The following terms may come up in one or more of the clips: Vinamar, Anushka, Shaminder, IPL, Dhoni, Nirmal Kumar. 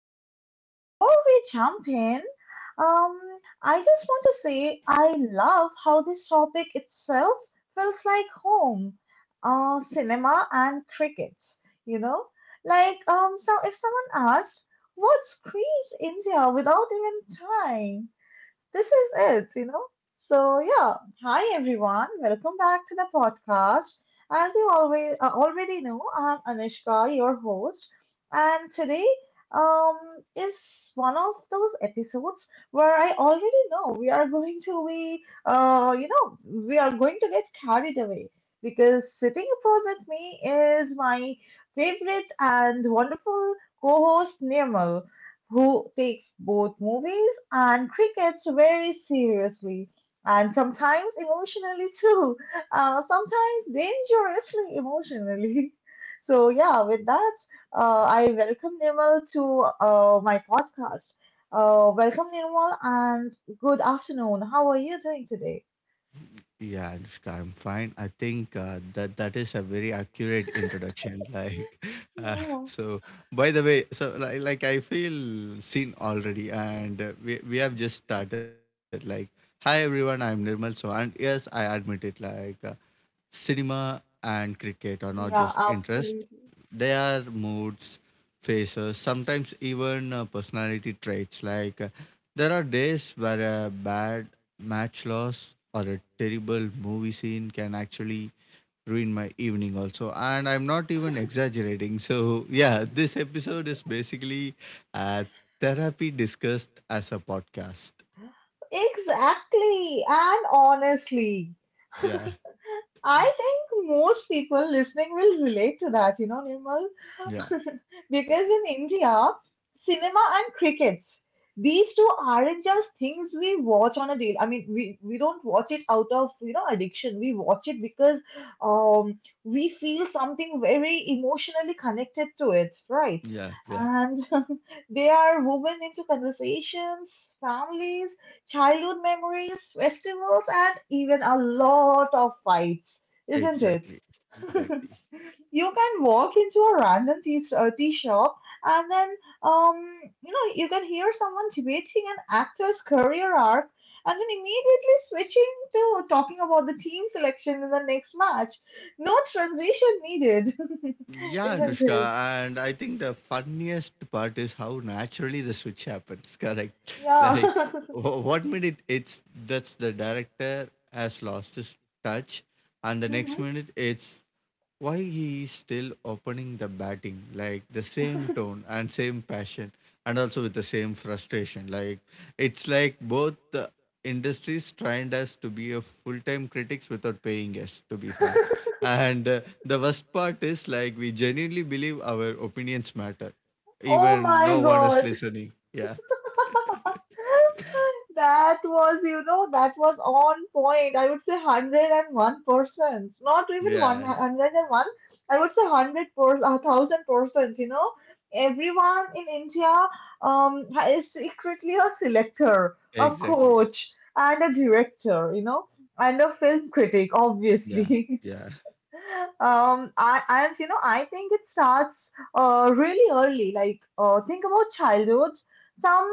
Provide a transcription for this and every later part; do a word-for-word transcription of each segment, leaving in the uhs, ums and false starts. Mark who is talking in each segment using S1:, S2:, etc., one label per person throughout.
S1: okay. Before we jump in, um, I just want to say I love how this topic itself feels like home. Uh, cinema and cricket, you know? Like, um, so if someone asked, what screams India without even trying? This is it, you know? So, yeah. Hi, everyone. Welcome back to the podcast. As you always uh, already know, I'm Anushka, your host, and today um, is one of those episodes where I already know we are going to be, uh, you know, we are going to get carried away because sitting opposite me is my favorite and wonderful co host Nirmal, who takes both movies and cricket very seriously. And sometimes emotionally too, uh, sometimes dangerously emotionally. So yeah, with that, uh, I welcome Nirmal to uh, my podcast. Uh, welcome, Nirmal, and good afternoon. How are you doing today?
S2: Yeah, Anushka, I'm fine. I think uh, that that is a very accurate introduction. Like, uh,
S1: Yeah,
S2: so by the way, so like, like I feel seen already, and uh, we we have just started. Like, hi everyone, I'm Nirmal So, and yes, I admit it, like uh, cinema and cricket are not just
S1: yeah,
S2: interest.
S1: absolutely.
S2: They are moods, faces, sometimes even uh, personality traits, like uh, there are days where a bad match loss or a terrible movie scene can actually ruin my evening also, and I'm not even exaggerating. So yeah, this episode is basically uh, therapy discussed as a podcast.
S1: Exactly, and honestly,
S2: Yeah.
S1: I think most people listening will relate to that, you know, Nirmal.
S2: Yeah,
S1: Because in India, cinema and crickets, these two aren't just things we watch on a daily. I mean, we, we don't watch it out of, you know, addiction. We watch it because um, we feel something very emotionally connected to it, right?
S2: yeah, yeah.
S1: And they are woven into conversations, families, childhood memories, festivals, and even a lot of fights, isn't
S2: Exactly.
S1: it?
S2: Exactly.
S1: You can walk into a random tea, uh, tea shop, and then um, you know you can hear someone debating an actor's career arc, and then immediately switching to talking about the team selection in the next match. No transition needed.
S2: Yeah,
S1: Isn't it?
S2: Anushka. And I think the funniest part is how naturally the switch happens. Correct.
S1: Yeah.
S2: Like, wh- one minute it's that's the director has lost his touch, and the next
S1: Mhm.
S2: minute it's why he is still opening the batting, like the same tone and same passion and also with the same frustration. Like, it's like both the industries trained us to be a full-time critics without paying us, to be frank. And uh, the worst part is, like, we genuinely believe our opinions matter
S1: Oh
S2: even
S1: my
S2: no one is
S1: God.
S2: listening. Yeah,
S1: That was, you know, that was on point. I would say one hundred one percent. Not even
S2: yeah,
S1: one hundred one. I would say one hundred percent, one thousand percent. You know, everyone in India um, is secretly a selector, a
S2: exactly.
S1: coach, and a director, you know, and a film critic,
S2: Yeah,
S1: obviously.
S2: yeah,
S1: Um, I, and you know, I think it starts uh, really early. Like, uh, think about childhoods. Some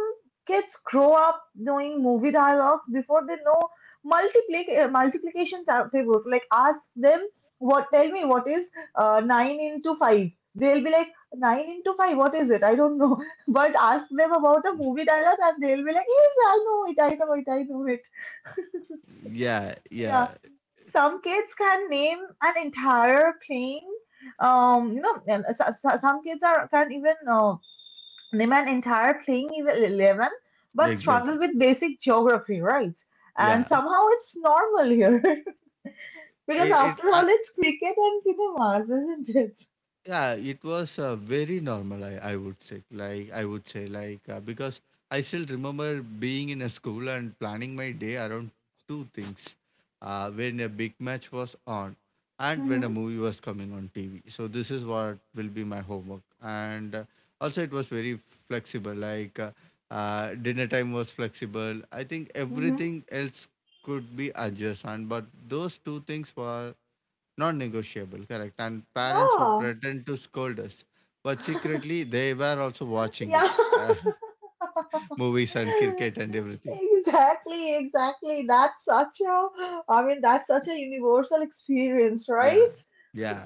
S1: kids grow up knowing movie dialogues before they know multiplic- uh, multiplication ta- tables. Like, ask them what, tell me what is uh, nine into five. They'll be like, nine into five, what is it? I don't know. But ask them about a movie dialogue, and they'll be like, yes, I know it, I know it, I know it.
S2: yeah,
S1: Yeah,
S2: yeah,
S1: some kids can name an entire plane. Um, you know, and so- so- some kids are can even uh, name an entire plane even eleven, but struggle
S2: exactly,
S1: with basic geography, right? And
S2: yeah.
S1: somehow it's normal here. Because
S2: it,
S1: after all,
S2: it
S1: it's cricket and cinemas, isn't it?
S2: yeah, it was uh, very normal. I, I would say, like I would say, like uh, because I still remember being in a school and planning my day around two things, uh, when a big match was on, and when a
S1: Mm-hmm.
S2: movie was coming on T V. So this is what will be my homework. And uh, also, it was very flexible. Like uh, uh, dinner time was flexible. I think
S1: Mm-hmm.
S2: everything else could be adjacent, but those two things were non negotiable, correct? And parents would
S1: Yeah.
S2: pretend to scold us, but secretly they were also watching it,
S1: Yeah.
S2: uh, movies and cricket and everything.
S1: Exactly, exactly. That's such a, I mean, that's such a universal experience,
S2: Yeah,
S1: right?
S2: yeah,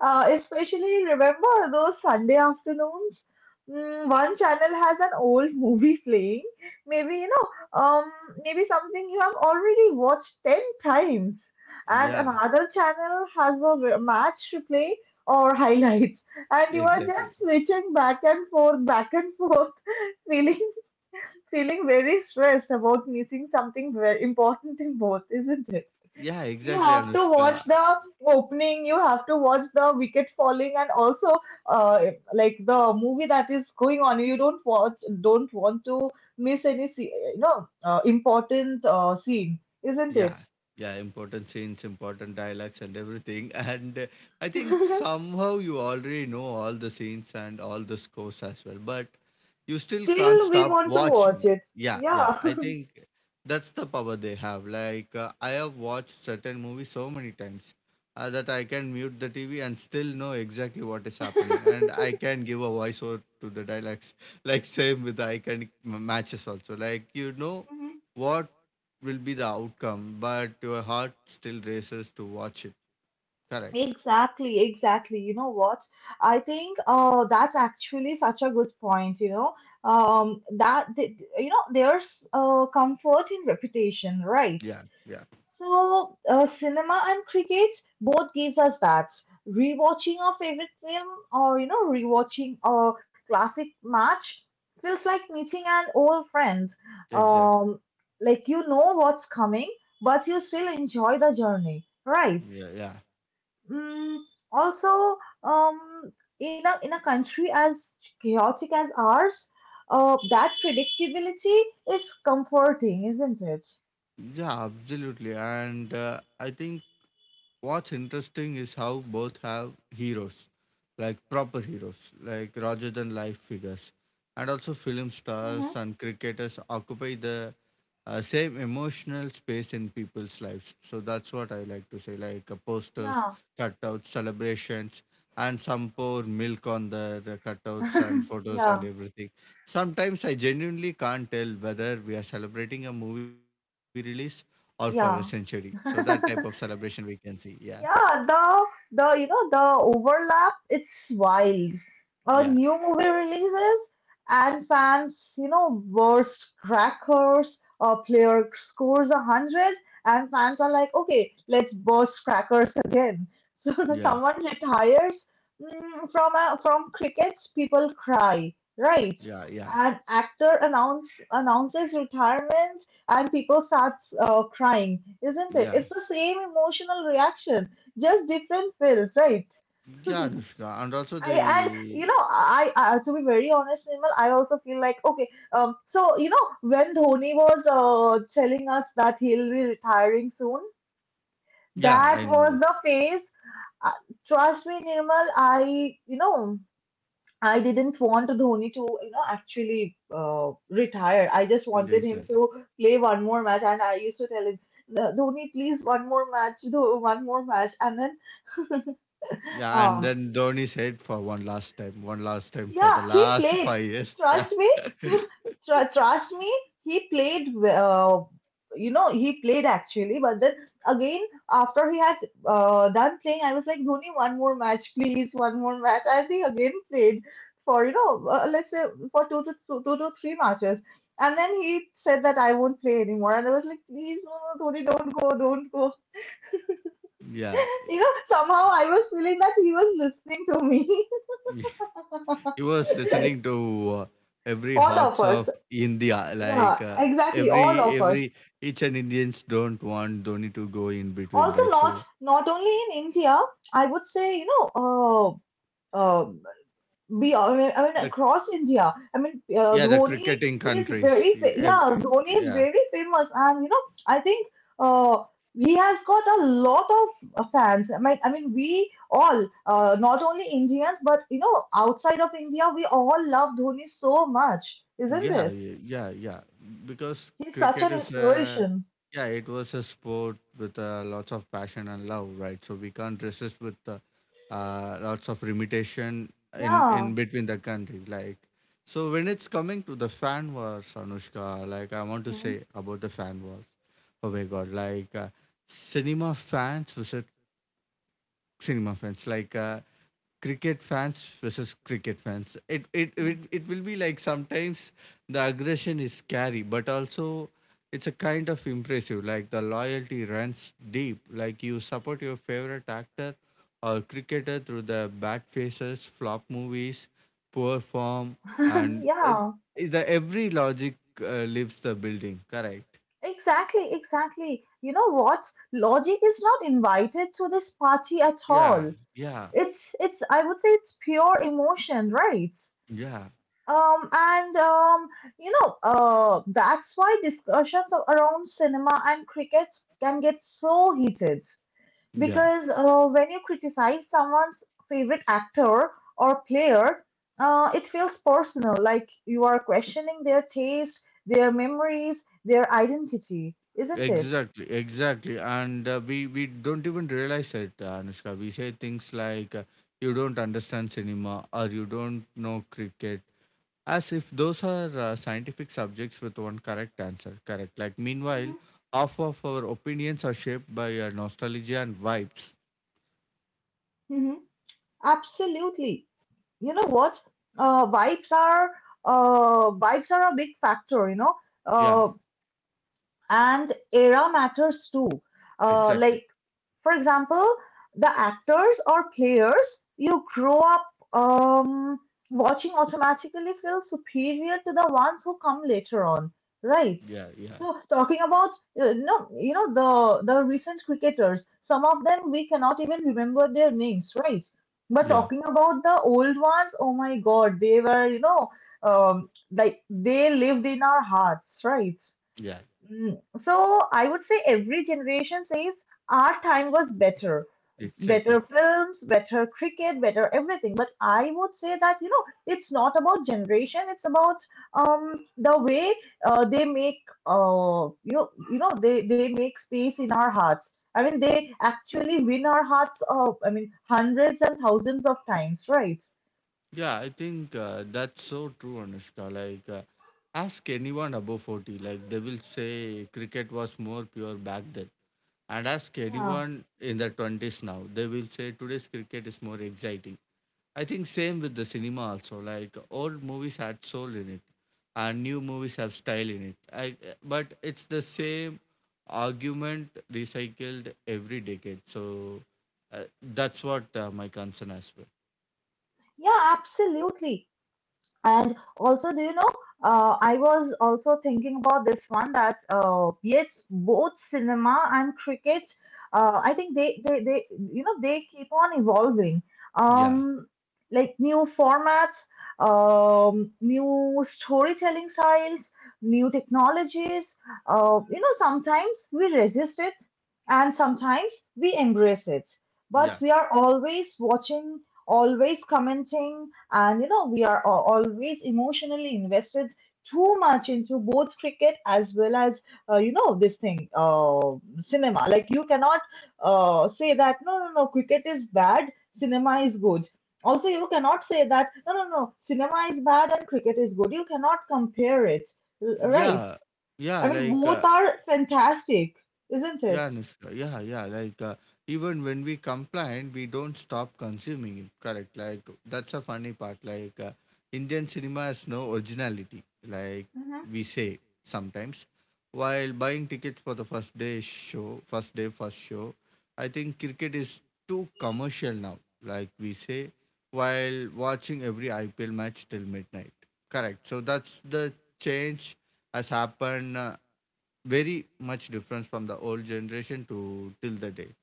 S1: Uh, especially remember those Sunday afternoons. Mm, one channel has an old movie playing. Maybe you know, um, maybe something you have already watched ten times, and
S2: yeah,
S1: another channel has a re- match replay, or highlights, and you are
S2: exactly.
S1: just switching back and forth, back and forth, feeling feeling very stressed about missing something very important in both, isn't it?
S2: Yeah,
S1: You
S2: exactly,
S1: have to watch
S2: Anushka.
S1: the opening, you have to watch the wicket falling, and also, uh, like the movie that is going on. You don't watch, don't want to miss any, se- you know, uh, important uh, scene, isn't
S2: Yeah,
S1: it?
S2: yeah, important scenes, important dialogues, and everything. And uh, I think somehow you already know all the scenes and all the scores as well, but you still can't
S1: Still, we
S2: stop
S1: want to watch
S2: watching.
S1: it.
S2: Yeah, yeah,
S1: Yeah.
S2: I think that's the power they have. Like, uh, I have watched certain movies so many times uh, that I can mute the T V and still know exactly what is happening, and I can give a voiceover to the dialects. Like, same with the iconic m- matches, also. Like, you know
S1: Mhm.
S2: what will be the outcome, but your heart still races to watch it. Correct.
S1: Exactly, exactly. You know what? I think uh that's actually such a good point, you know. Um that th- you know there's uh comfort in reputation, right?
S2: Yeah, yeah,
S1: So, uh, cinema and cricket both gives us that. Rewatching a favorite film, or, you know, rewatching a classic match feels like meeting an old friend.
S2: exactly.
S1: Um, like, you know what's coming, but you still enjoy the journey, right?
S2: Yeah, yeah,
S1: Mm, Also, um, in a in a country as chaotic as ours, uh, that predictability is comforting, isn't it?
S2: yeah, absolutely. And uh, I think what's interesting is how both have heroes, like proper heroes, like rather than life figures. And also, film stars
S1: Mm-hmm.
S2: and cricketers occupy the uh, same emotional space in people's lives. So that's what I like to say, like, uh, posters,
S1: Yeah.
S2: cutouts, celebrations, and some pour milk on the, the cutouts and photos and
S1: Yeah,
S2: everything. Sometimes I genuinely can't tell whether we are celebrating a movie release or for a century. So
S1: yeah.
S2: that type of celebration we can see. Yeah.
S1: Yeah, the the you know the overlap, it's wild. A
S2: Yeah,
S1: new movie releases, and fans, you know, burst crackers. A player scores a hundred, and fans are like, "Okay, let's burst crackers again." So when
S2: yeah,
S1: someone retires, mm, from a, from cricket, people cry, right?
S2: yeah, yeah,
S1: An actor announce announces retirement, and people starts uh, crying, isn't it?
S2: yeah,
S1: It's the same emotional reaction, just different pills, right?
S2: yeah, Anushka, and also
S1: I, and
S2: the
S1: you know I, I To be very honest, Nirmal, I also feel like, okay, um so you know when Dhoni was uh, telling us that he'll be retiring soon.
S2: yeah,
S1: That
S2: I know
S1: was
S2: that.
S1: the phase. uh, Trust me, Nirmal, I you know I didn't want Dhoni to, you know, actually uh, retire. I just
S2: Yeah,
S1: wanted him
S2: exactly.
S1: to play one more match, and I used to tell him, "No, Dhoni, please, one more match, do one more match. And then,
S2: Yeah, and
S1: um.
S2: then Dhoni said for one last time, one last time for the
S1: Yeah, he
S2: last
S1: played.
S2: five years.
S1: Trust me, tr- trust me. He played. Uh, you know, he played actually. But then again, after he had uh, done playing, I was like, Dhoni, one more match, please, one more match. And he again played for, you know, uh, let's say for two to th- two to three matches. And then he said that I won't play anymore. And I was like, please, no, no, Dhoni, don't go, don't go.
S2: Yeah, yeah,
S1: You know, somehow I was feeling that he was listening to me.
S2: he was listening to uh, every
S1: All of
S2: hearts
S1: us.
S2: of India,
S1: Yeah,
S2: like uh,
S1: exactly. All
S2: every
S1: of
S2: every
S1: us.
S2: each and Indians don't want Dhoni to go in between,
S1: Also,
S2: right? So
S1: not not only in India. I would say, you know, uh, um, we. I
S2: the
S1: mean, I mean, across India. I mean,
S2: yeah the
S1: uh,
S2: cricketing
S1: Dhoni is
S2: countries,
S1: very. Fa- yeah, Dhoni
S2: yeah.
S1: is very famous, and you know, I think uh, he has got a lot of uh, fans. I mean, I mean, we all, uh, not only Indians, but you know, outside of India, we all love Dhoni so much, isn't
S2: Yeah,
S1: it?
S2: ye- yeah, yeah. Because
S1: He's such
S2: cricket
S1: an
S2: is a,
S1: inspiration.
S2: yeah, it was a sport with uh, lots of passion and love, right? So we can't resist with uh, uh, lots of limitation in
S1: Yeah.
S2: in between the country. Like, so when it's coming to the fan wars, Anushka, like I want to
S1: Hmm.
S2: say about the fan wars. Oh my God, like uh, cinema fans versus cinema fans. Like, uh, cricket fans versus cricket fans. It it
S1: Hmm.
S2: it, it will be like sometimes the aggression is scary, but also it's a kind of impressive. Like the loyalty runs deep. Like you support your favorite actor or cricketer through the bad faces, flop movies, poor form, and uh,
S1: Yeah,
S2: the every logic uh, leaves the building. Correct?
S1: exactly, exactly. You know what? Logic is not invited to this party at
S2: Yeah,
S1: all.
S2: yeah,
S1: It's it's I would say it's pure emotion, right?
S2: yeah,
S1: Um, and um, you know, uh, that's why discussions a- around cinema and cricket can get so heated,
S2: yeah.
S1: because uh, when you criticize someone's favorite actor or player, uh, it feels personal, like you are questioning their taste, their memories, their identity, isn't it?
S2: Exactly, exactly. And uh, we we don't even realize it, uh, Anushka. We say things like uh, you don't understand cinema or you don't know cricket, as if those are uh, scientific subjects with one correct answer, correct? Like meanwhile,
S1: Mm-hmm.
S2: half of our opinions are shaped by uh, nostalgia and vibes.
S1: Mm-hmm. Absolutely. You know what? Uh, vibes are uh, vibes are a big factor. You know,
S2: Yeah,
S1: uh, and era matters too. Uh,
S2: exactly.
S1: like, for example, the actors or players you grow up um, watching automatically feel superior to the ones who come later on, right?
S2: Yeah, yeah,
S1: So, talking about uh, no, you know the the recent cricketers, some of them we cannot even remember their names, right? But
S2: yeah,
S1: talking about the old ones, oh my God, they were you know um, like they lived in our hearts, right?
S2: yeah,
S1: Mm, So I would say every generation says our time was better. It's better
S2: exactly.
S1: films, better cricket, better everything. But I would say that, you know, it's not about generation. It's about um the way uh, they make uh you know you know they they make space in our hearts. I mean, they actually win our hearts of, I mean, hundreds and thousands of times, right?
S2: Yeah, I think uh, that's so true, Anushka. Like, uh, ask anyone above forty, like, they will say cricket was more pure back then. And ask
S1: Yeah.
S2: anyone in their twenties now, they will say today's cricket is more exciting. I think same with the cinema also. Like, old movies had soul in it, and new movies have style in it. I, but it's the same argument recycled every decade. So, uh, that's what uh, my concern as well.
S1: Yeah, absolutely. And also, do you know, uh, I was also thinking about this one that uh, yes, both cinema and cricket, uh, I think they, they, they, you know, they keep on evolving.
S2: Yeah.
S1: Um, like, new formats, um, new storytelling styles, new technologies. Uh, you know, sometimes we resist it, and sometimes we embrace it. But
S2: Yeah.
S1: we are always watching, always commenting, and you know, we are al- always emotionally invested too much into both cricket as well as uh, you know this thing uh, cinema. Like, you cannot uh, say that no, no, no, cricket is bad, cinema is good. Also, you cannot say that no, no, no, cinema is bad and cricket is good. You cannot compare it. L- right
S2: Yeah, yeah,
S1: I mean,
S2: like,
S1: both
S2: uh,
S1: are fantastic, isn't it?
S2: yeah, Anushka, yeah, yeah, like, uh, even when we complain, we don't stop consuming it, correct? Like, that's a funny part. Like, uh, Indian cinema has no originality, like we say sometimes. While buying tickets for the first day show, first day, first show, I think cricket is too commercial now, like we say, while watching every I P L match till midnight, correct? So, that's the change has happened uh, very much difference from the old generation to till the day.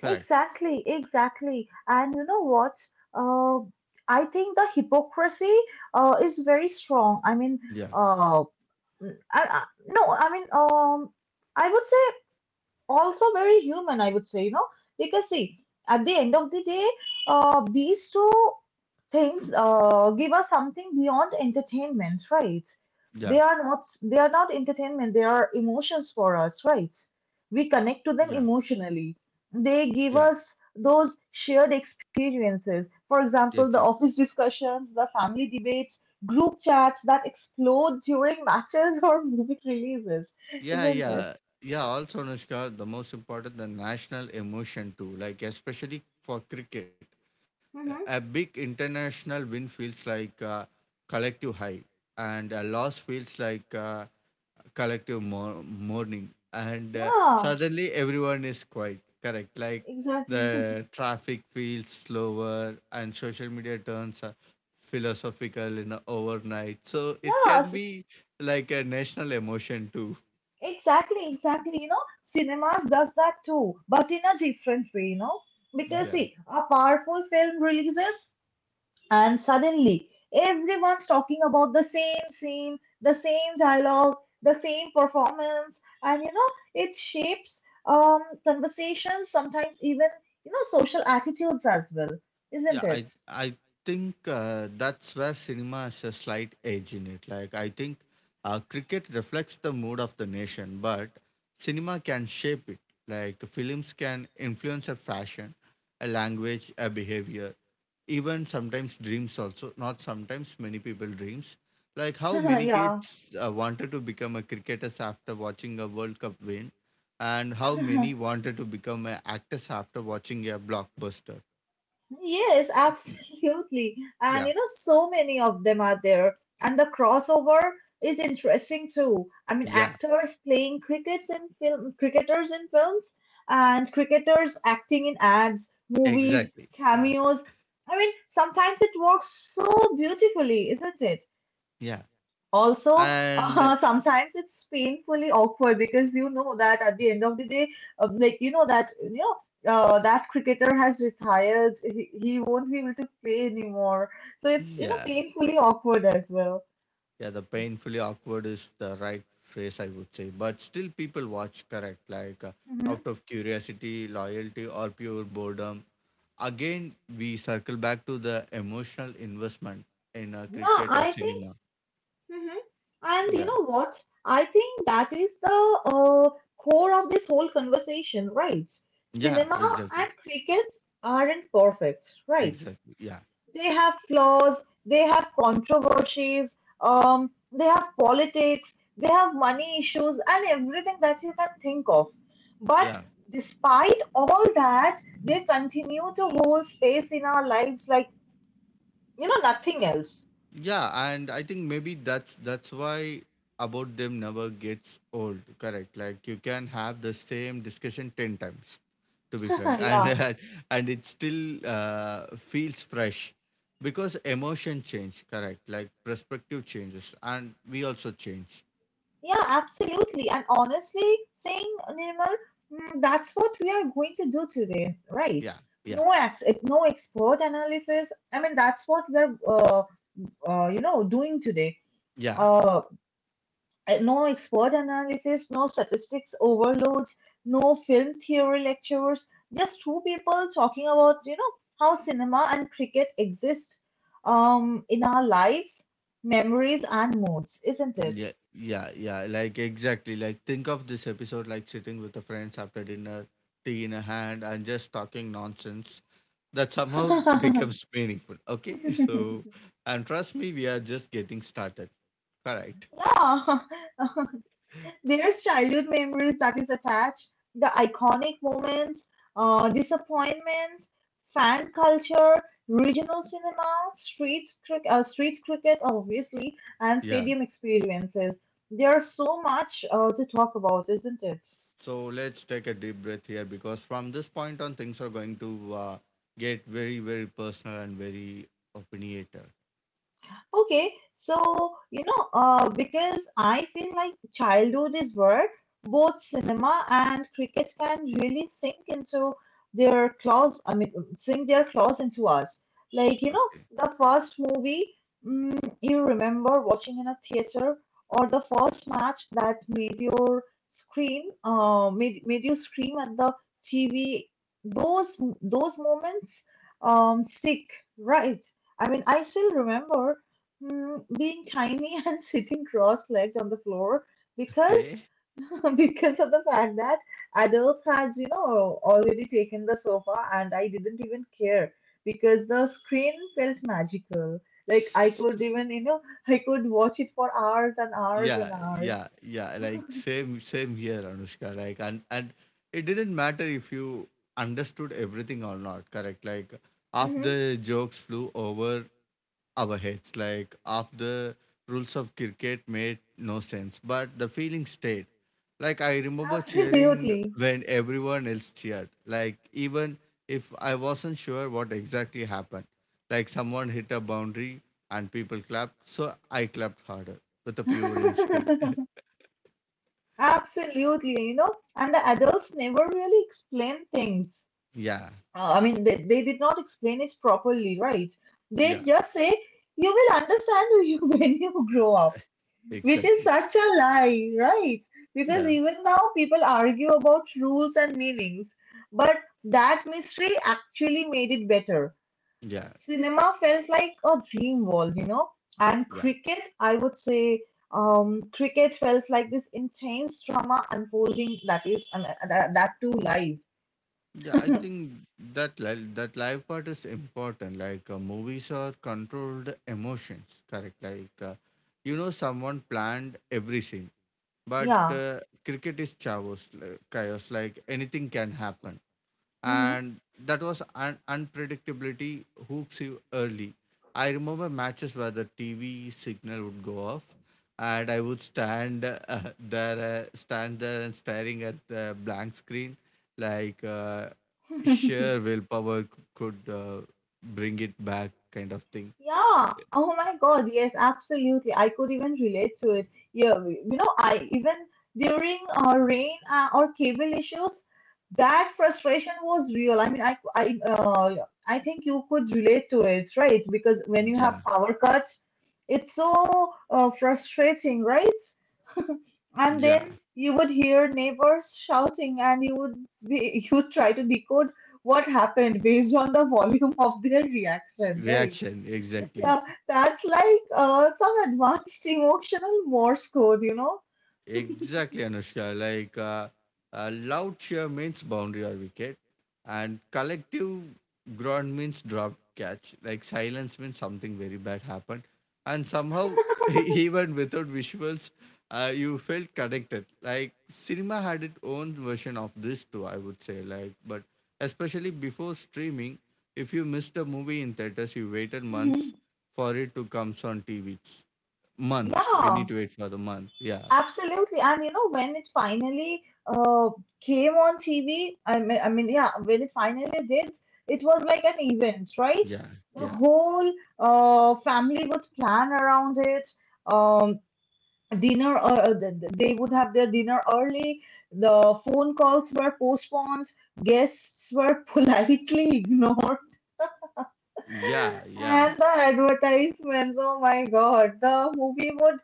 S2: Correct.
S1: Exactly, exactly. And you know what? Uh, I think the hypocrisy uh, is very strong. I mean,
S2: Yeah.
S1: uh, mm, I, I, no, I mean, um, I would say also very human, I would say, you know, because see, at the end of the day, uh, these two things uh, give us something beyond entertainment, right?
S2: Yeah.
S1: They are not they are not entertainment, they are emotions for us, right? We
S2: Yeah.
S1: connect to them emotionally.
S2: Yeah.
S1: They give us those shared experiences. For example, the
S2: Exactly.
S1: office discussions, the family debates, group chats that explode during matches or movie releases,
S2: Yeah,
S1: isn't it?
S2: yeah, yeah. Also, Anushka, the most important, the national emotion too. Like especially for cricket, a a
S1: Hmm.
S2: big international win feels like a collective high, and a loss feels like a collective mor- mourning. And uh,
S1: Yeah.
S2: suddenly everyone is quiet. Correct. Like
S1: Exactly.
S2: the traffic feels slower, and social media turns uh, philosophical in a overnight. So it can
S1: Yes.
S2: be like a national emotion too.
S1: Exactly, exactly. You know, cinemas does that too, but in a different way, you know. Because
S2: Yeah,
S1: see, a powerful film releases and suddenly everyone's talking about the same scene, the same dialogue, the same performance, and you know, it shapes um conversations, sometimes even, you know, social attitudes as well, isn't
S2: yeah.
S1: it?
S2: I I think uh, that's where cinema has a slight edge in it. Like I think uh, cricket reflects the mood of the nation, but cinema can shape it. Like films can influence a fashion, a language, a behavior, even sometimes dreams. Also, not sometimes many people dreams. Like how many
S1: Yeah.
S2: kids uh, wanted to become a cricketers after watching a World Cup win, and how many wanted to become an actors after watching a blockbuster.
S1: Yes, absolutely. And
S2: Yeah.
S1: you know, so many of them are there. And the crossover is interesting too. I mean,
S2: Yeah,
S1: actors playing crickets in film, cricketers in films, and cricketers acting in ads,
S2: exactly.
S1: movies,
S2: Yeah,
S1: cameos. I mean, sometimes it works so beautifully, isn't it?
S2: yeah.
S1: Also,
S2: And
S1: uh, sometimes it's painfully awkward because you know that at the end of the day, um, like you know that you know uh, that cricketer has retired. He, he won't be able to play anymore. So it's you know
S2: yeah,
S1: painfully awkward as well.
S2: yeah, the painfully awkward is the right phrase, I would say. But still, people watch, correct? Like uh,
S1: Hmm.
S2: out of curiosity, loyalty, or pure boredom. Again, we circle back to the emotional investment in uh,
S1: Yeah,
S2: cricket or
S1: I think.
S2: cinema.
S1: Hmm And you
S2: Yeah,
S1: know what? I think that is the uh, core of this whole conversation, right?
S2: yeah,
S1: Cinema and
S2: exactly.
S1: cricket aren't perfect, right?
S2: Exactly. Yeah,
S1: They have flaws, they have controversies, um, they have politics, they have money issues, and everything that you can think of. But
S2: yeah.
S1: despite all that, they continue to hold space in our lives like, you know, nothing else.
S2: Yeah, and I think maybe that's that's why about them never gets old. Correct. Like you can have the same discussion ten times, to be frank, and
S1: Yeah,
S2: and it still uh, feels fresh because emotion change. Correct. Like perspective changes, and we also change.
S1: yeah, absolutely. And honestly, saying Nirmal, mm, that's what we are going to do today, right?
S2: Yeah, yeah,
S1: No, ex- no expert analysis. I mean, that's what we're, uh, uh, you know, doing today.
S2: yeah.
S1: uh, no expert analysis, no statistics overload, no film theory lectures, just two people talking about, you know, how cinema and cricket exist um, in our lives, memories, and moods, isn't it?
S2: Yeah, yeah, yeah. Like exactly. Like think of this episode like sitting with the friends after dinner, tea in a hand, and just talking nonsense that somehow becomes meaningful. Okay, so and trust me, we are just getting started. Correct.
S1: yeah, There's childhood memories that is attached, the iconic moments, uh, disappointments, fan culture, regional cinema, street cricket, uh, street cricket obviously, and
S2: Yeah.
S1: stadium experiences. There's so much uh, to talk about, isn't it?
S2: So let's take a deep breath here because from this point on, things are going to uh, get very, very personal and very opinionated.
S1: Okay, so you know, uh, because I feel like childhood is where both cinema and cricket can really sink into their claws. I mean, sink their claws into us. Like you know,
S2: Okay.
S1: the first movie mm, you remember watching in a theater, or the first match that made your scream, uh, made made you scream at the T V. Those those moments um stick, right? I mean, I still remember Mm, being tiny and sitting cross-legged on the floor because
S2: Okay.
S1: because of the fact that adults had you know already taken the sofa, and I didn't even care because the screen felt magical. Like I could even you know I could watch it for hours and hours and
S2: Yeah,
S1: hours.
S2: yeah, yeah. Like same, same here, Anushka. Like, and and it didn't matter if you understood everything or not. Correct. Like half
S1: Hmm.
S2: the jokes flew over our heads. Like half the rules of cricket made no sense, but the feeling stayed. Like I remember cheering
S1: Absolutely.
S2: when everyone else cheered. Like even if I wasn't sure what exactly happened. Like someone hit a boundary and people clapped, so I clapped harder with a pure instinct.
S1: Absolutely, you know, and the adults never really explain things.
S2: Yeah,
S1: Uh, I mean, they, they did not explain it properly, right? They
S2: yeah,
S1: just say, you will understand who you when you grow up, which is
S2: exactly.
S1: such a lie, right? Because
S2: Yeah,
S1: even now, people argue about rules and meanings. But that mystery actually made it better.
S2: yeah,
S1: Cinema felt like a dream world, you know? And
S2: yeah,
S1: cricket, I would say, um, cricket felt like this intense drama unfolding that is, uh, that, that too live.
S2: yeah. I think that li- that live part is important. Like uh, movies are controlled emotions, correct? Like uh, you know, someone planned every scene, but
S1: Yeah.
S2: uh, cricket is chaos, like, chaos. Like anything can happen.
S1: Hmm.
S2: And that was un- unpredictability hooks you early. I remember matches where the T V signal would go off, and I would stand uh, there, uh, stand there, and staring at the blank screen, like uh, sheer willpower c- could uh, bring it back, kind of thing.
S1: Yeah. Oh my God. Yes, absolutely. I could even relate to it. Yeah. we- You know, I even during uh, rain uh, or cable issues, that frustration was real. I mean, I, I, uh, I think you could relate to it, right? Because when you have
S2: Yeah,
S1: power cuts, it's so uh, frustrating, right?
S2: yeah,
S1: And then you would hear neighbors shouting, and you would be you would try to decode what happened based on the volume of their reaction, right?
S2: reaction exactly.
S1: Yeah, that's like uh, some advanced emotional Morse code, you know?
S2: Exactly, Anushka. Like uh, uh, loud cheer means boundary or wicket, and collective groan means drop catch. Like silence means something very bad happened, and somehow even without visuals, uh, you felt connected. Like cinema had its own version of this too. I would say like, but especially before streaming, if you missed a movie in theaters, you waited
S1: Mhm.
S2: months for it to comes on T Vs. Months. We need
S1: Yeah,
S2: to wait for the month. Yeah.
S1: absolutely. And you know, when it finally uh, came on T V, I mean, I mean, yeah, when it finally did, it was like an event, right?
S2: Yeah,
S1: The
S2: yeah,
S1: whole uh, family would plan around it. Um, dinner, uh, uh, th- th- they would have their dinner early. The phone calls were postponed. Guests were politely ignored.
S2: yeah, yeah,
S1: And the advertisements, oh my God, the movie would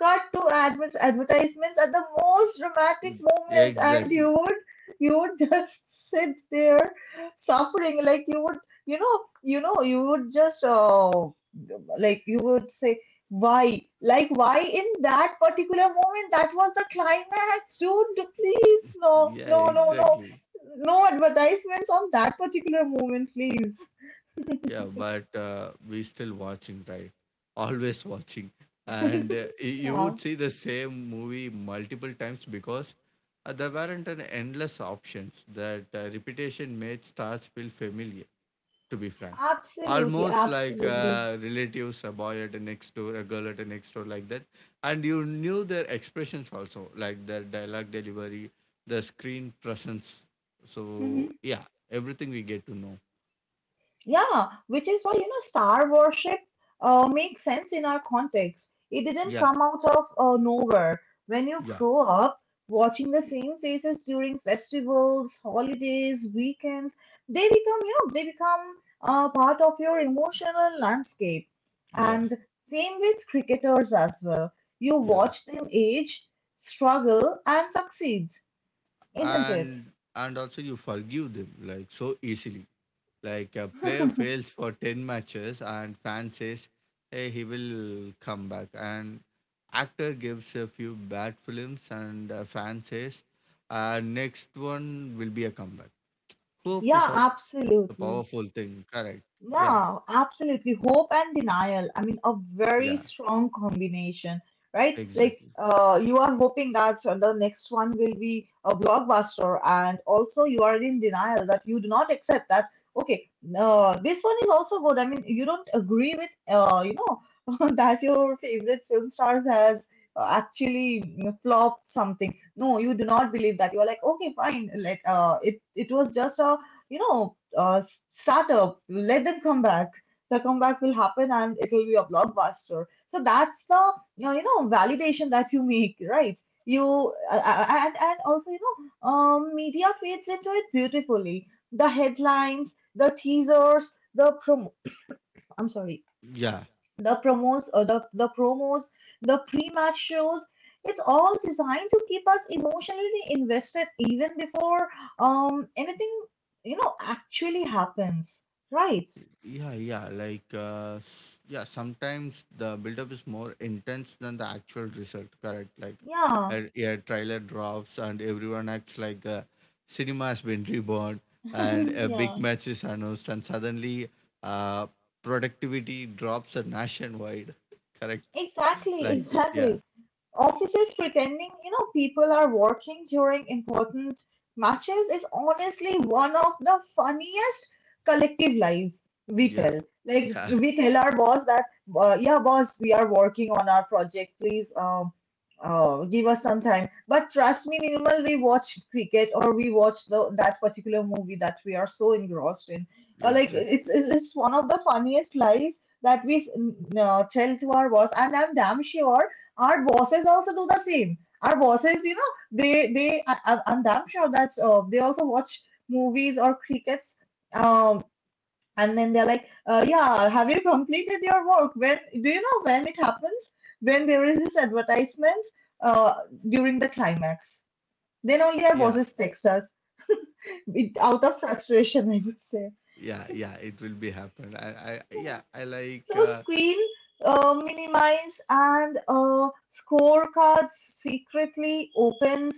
S1: cut to adver- advertisements at the most dramatic moment, and you
S2: exactly.
S1: would you would just sit there suffering, like you would, you know, you know, you would just, uh, like you would say, why, like why in that particular moment, that was the climax, dude. Please, no,
S2: Yeah,
S1: no, no, no,
S2: exactly.
S1: no advertisements on that particular moment, please.
S2: Yeah, but uh, we still watching, right? Always watching, and uh, y- you
S1: Yeah.
S2: would see the same movie multiple times because uh, there weren't an endless options. That uh, repetition made stars feel familiar, to be frank.
S1: Absolutely,
S2: Almost like
S1: absolutely.
S2: uh, relatives, a boy at the next door, a girl at the next door, like that. And you knew their expressions also, like their dialogue delivery, the screen presence.
S1: Hmm.
S2: So, yeah, everything we get to know.
S1: Yeah, which is why, you know, star worship uh, makes sense in our context. It didn't
S2: Yeah,
S1: come out of uh, nowhere. When you
S2: yeah,
S1: grow up watching the same faces during festivals, holidays, weekends, they become, you know, they become uh, part of your emotional landscape.
S2: yeah,
S1: And same with cricketers as well. You
S2: yeah.
S1: watch them age, struggle, and succeed, isn't it?
S2: And and also you forgive them like so easily. Like a player fails for ten matches and fan says, hey, he will come back. And actor gives a few bad films and a fan says, uh, next one will be a comeback. Hope is
S1: Yeah,
S2: a powerful thing.
S1: absolutely.
S2: Correct. Yeah.
S1: Yeah, absolutely. Hope and denial. I mean, a
S2: Yeah.
S1: very strong combination, right?
S2: Exactly.
S1: Like, uh, you are hoping that the next one will be a blockbuster, and also you are in denial that you do not accept that. Okay, uh, this one is also good. I mean, you don't agree with, uh, you know, that your favorite film stars has uh, actually you know, flopped something. No, you do not believe that. You are like, okay, fine. Let uh, it it was just a you know, uh, s- start up, let them come back. The comeback will happen and it will be a blockbuster. So that's the, you know, you know, validation that you make, right? You, uh, uh, and, and also, you know, um, media feeds into it beautifully. The headlines, the teasers, the prom I'm sorry,
S2: Yeah.
S1: the promos or the, the promos, the pre-match shows. It's all designed to keep us emotionally invested even before um anything you know actually happens. Right.
S2: Yeah, yeah. Like, uh, s- yeah, sometimes the buildup is more intense than the actual result, correct? Like,
S1: Yeah.
S2: a, a trailer drops and everyone acts like uh, cinema has been reborn, and a
S1: yeah.
S2: big match is announced, and suddenly uh, productivity drops a nationwide, correct?
S1: Exactly,
S2: Like that. Yeah,
S1: exactly. Offices pretending, you know, people are working during important matches is honestly one of the funniest collective lies we
S2: yeah,
S1: tell. Like
S2: yeah,
S1: we tell our boss that, uh, yeah, boss, we are working on our project. Please, um, uh, give us some time. But trust me, Nirmal, we watch cricket or we watch the that particular movie that we are so engrossed in. Uh, like it's
S2: exactly.
S1: it's it's one of the funniest lies that we s- n- uh, tell to our boss, and I'm damn sure our bosses also do the same. Our bosses, you know, they they I, I'm I'm damn sure that uh, they also watch movies or crickets. Um, and then they're like, uh, yeah, have you completed your work? When do you know when it happens? When there is this advertisement uh, during the climax, then
S2: Yeah,
S1: only our bosses text us out of frustration, I would say.
S2: yeah, yeah. It will be happen. I, I yeah, I like.
S1: So
S2: Uh,
S1: screen uh, minimized and uh, scorecards secretly opened,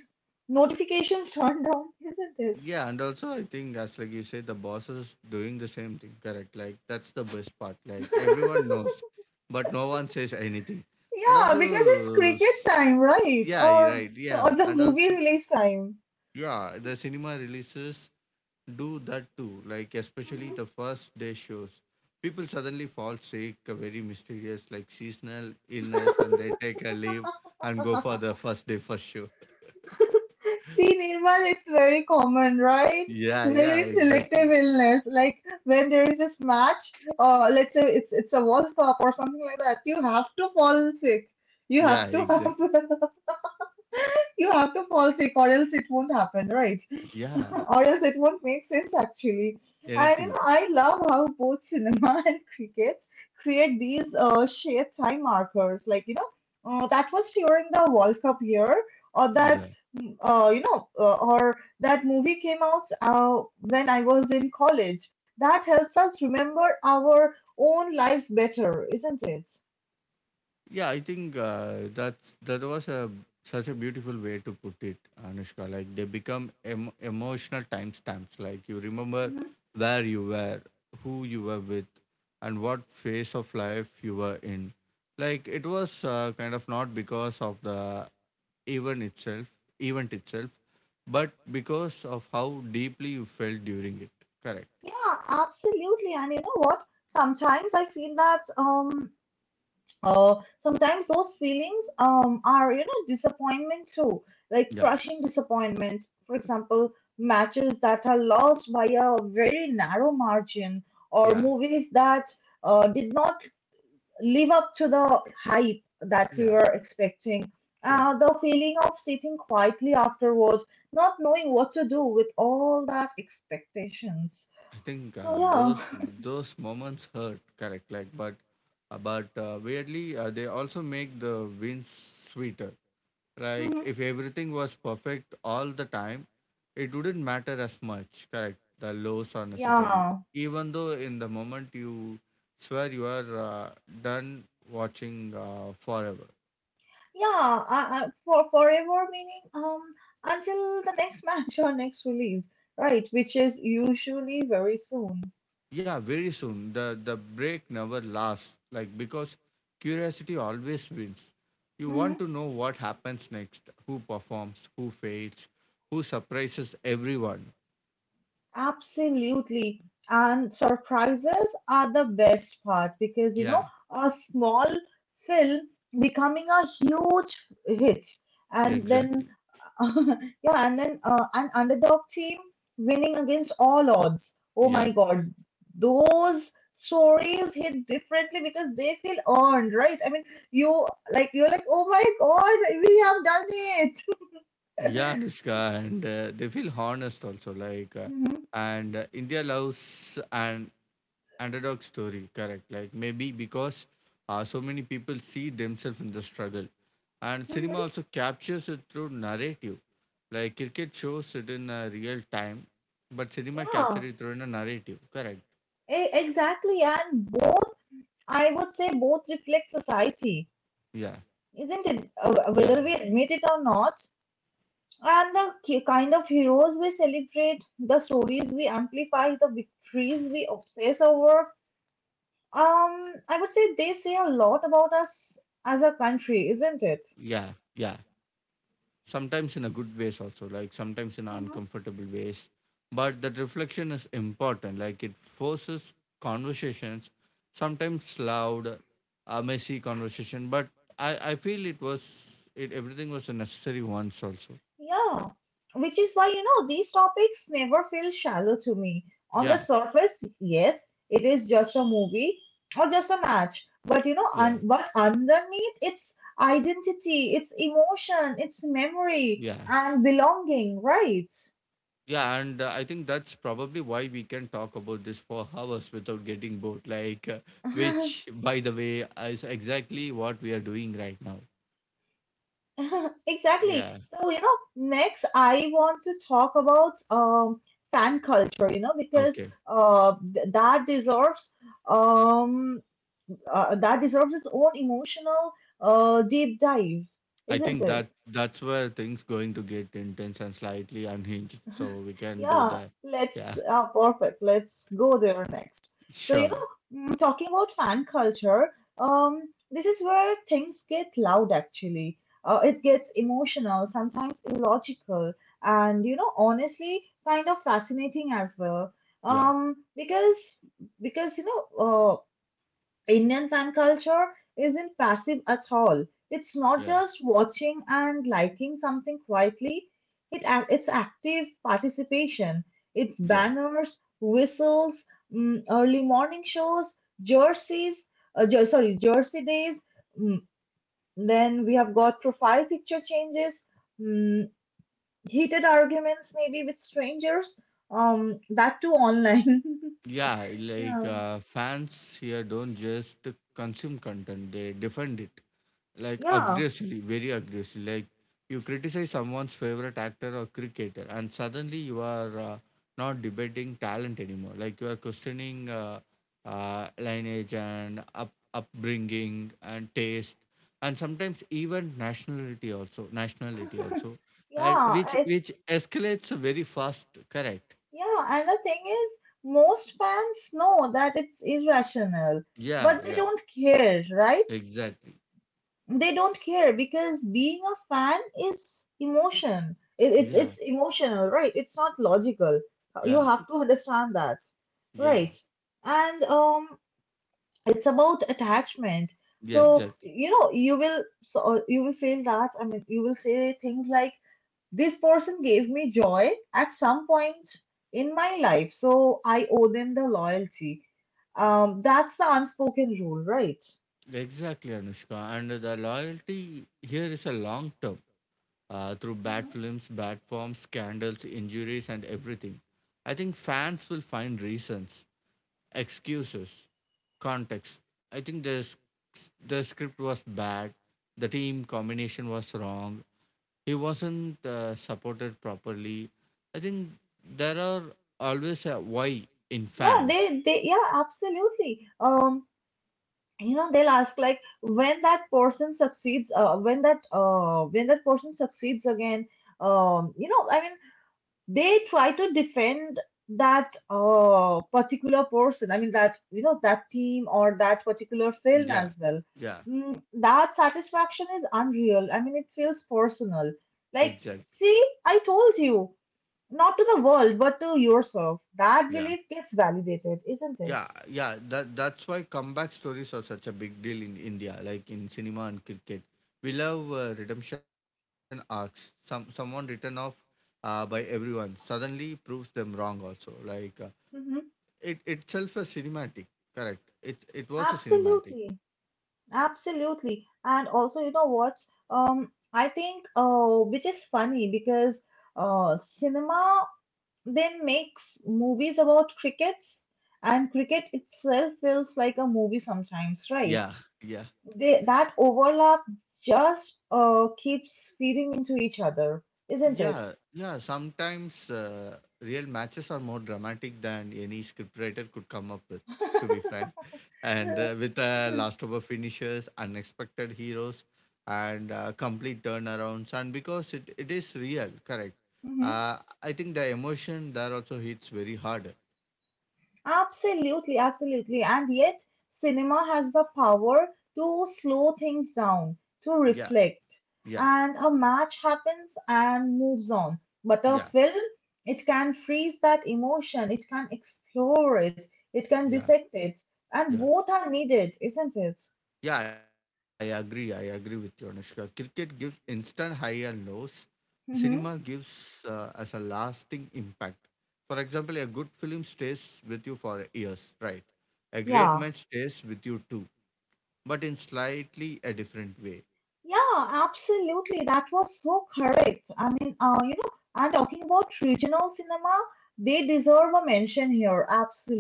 S1: notifications turned down, isn't it?
S2: Yeah, and also I think as like you said, the boss is doing the same thing, correct? Like that's the best part. Like everyone knows, but no one says anything. And
S1: Yeah, because it's
S2: also,
S1: cricket
S2: s-
S1: time, right?
S2: yeah, you're
S1: Or
S2: right,
S1: or
S2: yeah,
S1: the
S2: and
S1: movie
S2: also,
S1: release time.
S2: yeah, the cinema releases do that too. Like especially the first day shows, people suddenly fall sick, a very mysterious like seasonal illness, and they take a leave and go for the first day first show.
S1: See, Nirmal, it's very common, right?
S2: Yeah, yeah,
S1: Very selective
S2: exactly.
S1: illness. Like when there is this match, uh, let's say it's it's a World Cup or something like that, you have to fall sick. You
S2: Yeah,
S1: have to have.
S2: exactly.
S1: You have to fall sick, or else it won't happen, right?
S2: Yeah,
S1: Or else it won't make sense, actually. And you
S2: anything.
S1: know, I love how both cinema and cricket create these uh, shared time markers, like you know, uh, that was during the World Cup year, or that
S2: Yeah,
S1: mm, uh, you know, uh, or that movie came out uh, when I was in college. That helps us remember our own lives better, isn't it?
S2: yeah. I think uh, that's that was a such a beautiful way to put it, Anushka. Like they become em- emotional timestamps. Like you remember
S1: Mhm.
S2: where you were, who you were with, and what phase of life you were in. Like it was uh, kind of not because of the event itself, event itself, but because of how deeply you felt during it. Correct.
S1: Yeah, absolutely. And you know what? Sometimes I feel that um Uh, sometimes those feelings um, are, you know, disappointment too, like
S2: Yeah.
S1: crushing disappointment. For example, matches that are lost by a very narrow margin, or
S2: Yeah.
S1: movies that uh, did not live up to the hype that we
S2: Yeah.
S1: were expecting.
S2: Yeah.
S1: Uh, the feeling of sitting quietly afterwards, not knowing what to do with all that expectations.
S2: I think
S1: So
S2: uh,
S1: yeah,
S2: those those moments hurt, correct? Like, but uh, but uh, weirdly, uh, they also make the wins sweeter. Like,
S1: Mhm.
S2: if everything was perfect all the time, it wouldn't matter as much, correct? The lows are necessary,
S1: yeah.
S2: even though in the moment you swear you are uh, done watching uh, forever.
S1: Yeah, I, I, for forever meaning um until the next match or next release, right? Which is usually very soon.
S2: Yeah, very soon. The the break never lasts. Like because curiosity always wins. You want
S1: Hmm.
S2: to know what happens next, who performs, who fails, who surprises everyone.
S1: Absolutely. And surprises are the best part because you know
S2: Yeah,
S1: a small film becoming a huge hit,
S2: yeah,
S1: and then
S2: exactly.
S1: yeah, and then uh, an underdog team winning against all odds. Oh
S2: Yeah,
S1: my God, those stories hit differently because they feel earned, right? I mean, you like you're like, oh my God, we have done it.
S2: yeah, Anushka, and uh, they feel honest also. Like, uh,
S1: Mhm,
S2: and uh, India loves and underdog story, correct? Like maybe because uh, so many people see themselves in the struggle, and cinema
S1: mhm.
S2: also captures it through narrative, like cricket shows it in uh, real time, but cinema
S1: Yeah,
S2: captures it through in a narrative, correct?
S1: e- exactly. And both, I would say, both reflect society,
S2: Yeah,
S1: isn't it? Uh,
S2: yeah,
S1: whether we admit it or not. And the ki- kind of heroes we celebrate, the stories we amplify, the victories we obsess over. Um, I would say they say a lot about us as a country, isn't it?
S2: yeah, yeah, sometimes in a good ways also, like sometimes in
S1: Hmm.
S2: uncomfortable ways, but that reflection is important. Like it forces conversations, sometimes loud, a messy conversation, but i i feel it was it everything was a necessary once also.
S1: Yeah, which is why, you know, these topics never feel shallow to me. On the
S2: Yeah,
S1: surface, yes, it is just a movie or just a match, but you know,
S2: yeah,
S1: un but underneath, it's identity, it's emotion, it's
S2: yeah,
S1: memory and belonging, right?
S2: yeah, and uh, I think that's probably why we can talk about this for hours without getting bored, like uh, which, by the way, is exactly what we are doing right now.
S1: Exactly.
S2: Yeah,
S1: So, you know, next I want to talk about um, fan culture, you know, because
S2: okay.
S1: uh, th- that deserves um, uh, that deserves its own emotional uh, deep dive,
S2: I
S1: isn't
S2: think that
S1: it?
S2: that's where things going to get intense and slightly unhinged. So we can go
S1: Yeah,
S2: there.
S1: let's
S2: Yeah,
S1: uh, perfect. Let's go there next. So, you
S2: sure.
S1: know, mm, Talking about fan culture, um, this is where things get loud actually. Uh, it gets emotional, sometimes illogical, and you know, honestly, kind of fascinating as well.
S2: Yeah,
S1: Um, because because you know, uh, Indian fan culture isn't passive at all. It's not
S2: yeah,
S1: just watching and liking something quietly. It ac- it's active participation. It's
S2: yeah,
S1: banners, whistles, mm, early morning shows, jerseys. Uh, jer- sorry, jersey days. Mm, then we have got profile picture changes, mm, heated arguments maybe with strangers. Um, that too online.
S2: yeah. Like
S1: yeah,
S2: uh, fans here don't just consume content; they defend it. Like
S1: yeah,
S2: aggressively, very aggressively. Like you criticize someone's favorite actor or cricketer, and suddenly you are uh, not debating talent anymore. Like you are questioning uh, uh, lineage and up, upbringing and taste, and sometimes even nationality also. Nationality also, uh,
S1: yeah.
S2: which
S1: It's
S2: which escalates very fast. Correct.
S1: Yeah, and the thing is, most fans know that it's irrational,
S2: Yeah.
S1: but they
S2: Yeah.
S1: don't care, right?
S2: Exactly.
S1: They don't care because being a fan is emotion. It, it's
S2: Yeah.
S1: it's emotional, right? It's not logical. You
S2: Yeah.
S1: have to understand that,
S2: Yeah.
S1: right? And um, it's about attachment.
S2: Yeah.
S1: So
S2: Exactly.
S1: you know, you will so you will feel that. I mean, you will say things like, this person gave me joy at some point in my life, so I owe them the loyalty. Um, that's the unspoken rule, right?
S2: Exactly, Anushka. And the loyalty here is a long term, uh, through bad
S1: Hmm.
S2: films, bad forms, scandals, injuries, and everything. I think fans will find reasons, excuses, context. I think the, s- The script was bad, the team combination was wrong, he wasn't uh, supported properly. I think there are always a why in
S1: Yeah,
S2: fans.
S1: they they yeah, absolutely. Um, you know, they'll ask like when that person succeeds, uh, when that uh when that person succeeds again. Um, you know, I mean they try to defend that uh, particular person. I mean that, you know, that team or that particular film
S2: Yeah,
S1: as well.
S2: yeah,
S1: Mm, that satisfaction is unreal. I mean it feels personal, like,
S2: exactly,
S1: see, I told you, not to the world but to yourself, that
S2: yeah.
S1: belief gets validated, isn't
S2: Yeah,
S1: it?
S2: yeah. That that's why comeback stories are such a big deal in India, like in cinema and cricket. We love uh, redemption arcs. Some someone written off uh, by everyone suddenly proves them wrong. Also, like uh,
S1: Hmm.
S2: it itself a cinematic. Correct. It it was a cinematic.
S1: Absolutely, absolutely, and also you know what? Um, I think uh, which is funny because uh, cinema then makes movies about crickets and cricket itself feels like a movie sometimes, right?
S2: Yeah, yeah.
S1: they, that overlap just uh, keeps feeding into each other, isn't it?
S2: Yeah, yeah. Sometimes uh, real matches are more dramatic than any scriptwriter could come up with, to be frank. And uh, with uh, last over finishes, unexpected heroes, and uh, complete turnarounds, and because it, it is real, correct.
S1: Mhm.
S2: Uh, I think the emotion there also hits very hard.
S1: Absolutely, absolutely. And yet, cinema has the power to slow things down, to
S2: Yeah,
S1: reflect.
S2: yeah,
S1: And a match happens and moves on. But a
S2: yeah,
S1: film, it can freeze that emotion, it can explore it, it can
S2: yeah,
S1: dissect it. And
S2: yeah.
S1: both are needed, isn't it?
S2: Yeah, I agree. I agree with you, Anushka. Cricket gives instant high and lows, cinema
S1: Mm-hmm.
S2: gives uh, us a lasting impact. For example, a good film stays with you for years, right? A great
S1: Yeah.
S2: match stays with you too, but in slightly a different way.
S1: Yeah, absolutely. That was so correct. I mean, uh, you know, and talking about regional cinema, they deserve a mention here.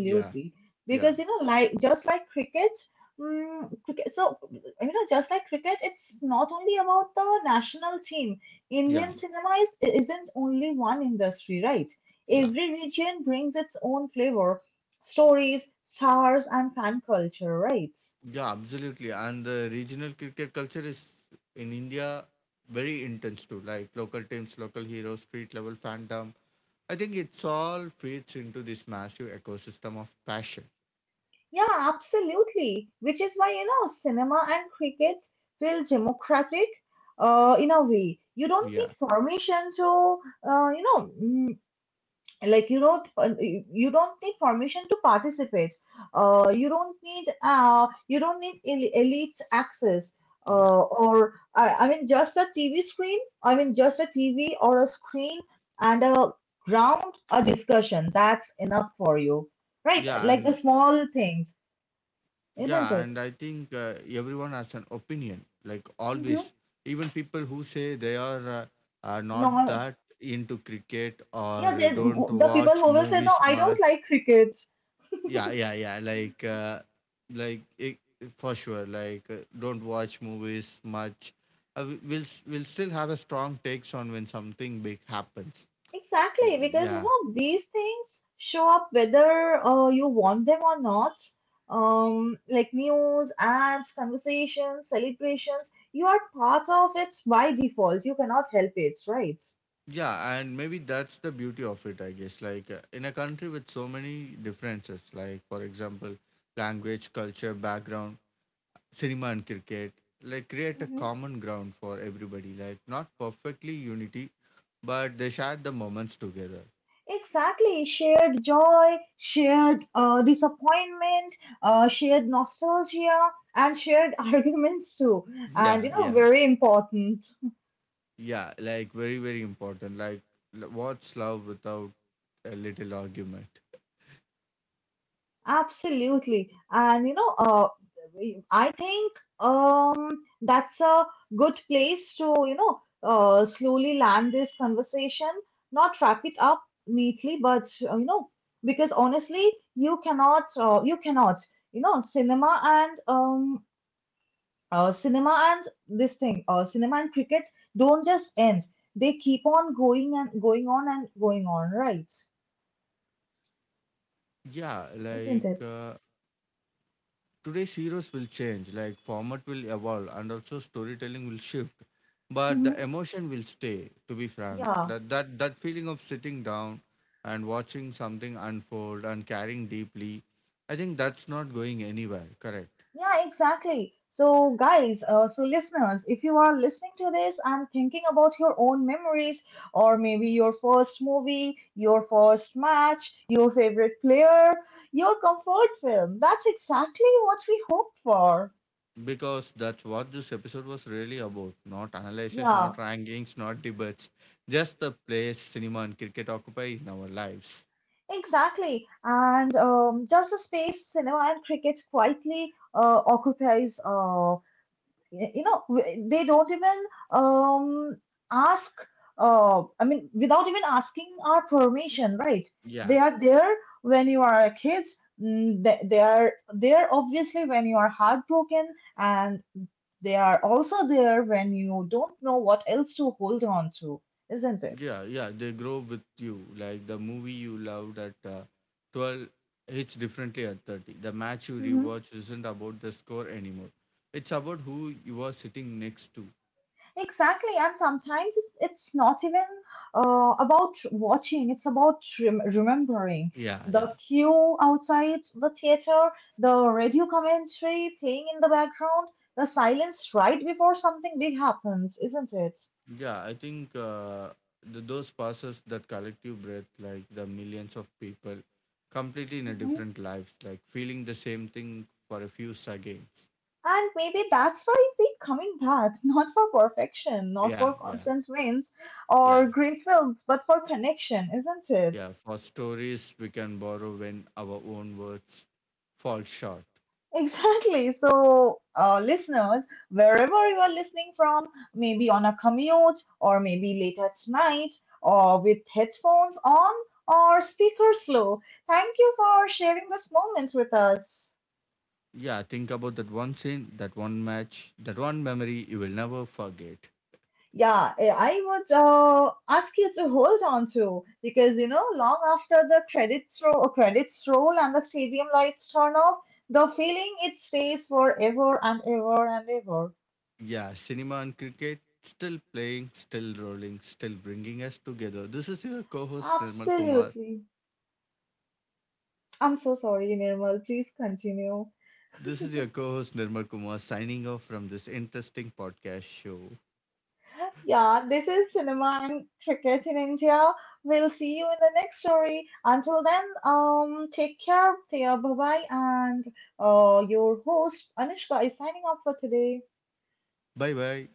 S2: Yeah, yeah,
S1: Because, you know, like just like cricket, mm, cricket, so, you know, just like cricket, it's not only about the national team.
S2: yeah,
S1: Indian cinema is, isn't only one industry, right?
S2: yeah,
S1: Every region brings its own flavor, stories, stars, and fan culture, right?
S2: yeah, absolutely. And the regional cricket culture is in India very intense too, like local teams, local heroes, street level fandom. I think it's all fits into this massive ecosystem of passion.
S1: Yeah, absolutely. Which is why, you know, cinema and cricket feel democratic uh, in a way. You don't
S2: Yeah,
S1: need permission to, uh, you know, mm, like you don't, uh, you don't need permission to participate. Uh, you don't need, uh, you don't need el- elite access.
S2: yeah,
S1: Uh, or I, I mean, just a T V screen. I mean, just a T V or a screen and a ground, a discussion. That's enough for you, right?
S2: yeah,
S1: Like the
S2: and
S1: small things,
S2: yeah, and I
S1: isn't
S2: think
S1: it?
S2: uh, everyone has an opinion, like always.
S1: Mm-hmm.
S2: Even people who say they are, uh, are not that
S1: No,
S2: into cricket
S1: yeah,
S2: or
S1: they,
S2: don't
S1: the people
S2: watch
S1: who will say, no,
S2: movies
S1: I don't
S2: much.
S1: like crickets.
S2: Yeah, yeah, yeah. Like, uh, like it, for sure. Like, uh, don't watch movies much. Uh, we- we'll s- we'll still have a strong takes on when something big happens. L-
S1: Exactly, because you
S2: Yeah.
S1: know these things show up whether uh, you want them or not. Um, like news, ads, conversations, celebrations, you are part of it by default. You cannot help it, right?
S2: Yeah, and maybe that's the beauty of it, I guess. Like uh, in a country with so many differences, like for example, language, culture, background, cinema, and cricket, like create a common ground for everybody. Like not perfectly unity, but they share the moments together.
S1: Exactly, shared joy, shared uh, disappointment, uh, shared nostalgia, and shared arguments too.
S2: Yeah,
S1: And you
S2: yeah,
S1: know, very important.
S2: yeah. Like very, very important. Like l- what's love without a little argument?
S1: Absolutely. And you know, uh, I think um, that's a good place to, you know, uh, slowly land this conversation, not wrap it up neatly, but uh, you know, because honestly, you cannot, uh, you cannot, you know, cinema and um, uh, cinema and this thing, uh, cinema and cricket don't just end. They keep on going and going on and going on, right?
S2: Yeah,
S1: Isn't
S2: like
S1: it?
S2: uh, today's heroes will change, like format will evolve and also storytelling will shift. But the
S1: Mm-hmm.
S2: emotion will stay, to be frank.
S1: Yeah.
S2: That that, that feeling of sitting down and watching something unfold and caring deeply, I think that's not going anywhere, correct?
S1: Yeah, exactly. So, guys, uh, so listeners, if you are listening to this and thinking about your own memories, or maybe your first movie, your first match, your favorite player, your comfort film, that's exactly what we hope for.
S2: Because that's what this episode was really about. Not analysis, not
S1: Yeah.
S2: rankings, not debates. Just the place cinema and cricket occupy in our lives.
S1: Exactly. And um, just the space cinema and cricket quietly uh, occupies, uh, y- you know, w- they don't even um, ask, uh, I mean, without even asking our permission, right?
S2: Yeah.
S1: They are there when you are a kid. mm, They, they are there obviously when you are heartbroken, and they are also there when you don't know what else to hold on to, isn't it?
S2: Yeah, yeah, they grow with you. Like the movie you loved at uh, twelve hits differently at thirty. The match you
S1: Mm-hmm.
S2: rewatch isn't about the score anymore. It's about who you are sitting next to.
S1: Exactly, and sometimes it's, it's not even uh, about watching, it's about rem- remembering
S2: Yeah, yeah.
S1: the queue outside the theater, the radio commentary playing in the background, the silence right before something big happens, isn't it?
S2: Yeah, I think uh, th- those passes that collective breath, like the millions of people, completely in a
S1: Hmm.
S2: different lives, like feeling the same thing for a few seconds.
S1: And maybe that's why we coming back, not for perfection, not
S2: Yeah,
S1: for
S2: yeah,
S1: constant wins
S2: yeah,
S1: or great films, but for connection, isn't it?
S2: yeah. For stories we can borrow when our own words fall short.
S1: Exactly. So, uh, listeners, wherever you are listening from, maybe on a commute or maybe late at night or with headphones on or speakers low, thank you for sharing this moment with us.
S2: Yeah, think about that one scene, that one match, that one memory you will never forget.
S1: Yeah, eh, I would uh, ask you to hold on to, because you know, long after the credits roll, credits roll and the stadium lights turn off, the feeling, it stays forever and ever and ever.
S2: Yeah, cinema and cricket still playing, still rolling, still bringing us together. This is your co host Nirmal Kumar.
S1: Absolutely. I'm so sorry, Nirmal. Please continue.
S2: This is your co host Nirmal Kumar signing off from this interesting podcast show.
S1: Yeah, this is cinema and cricket in India. We'll see you in the next story. Until then, um, take care, dear. Bye bye. And uh, your host Anishka is signing off for today.
S2: Bye bye.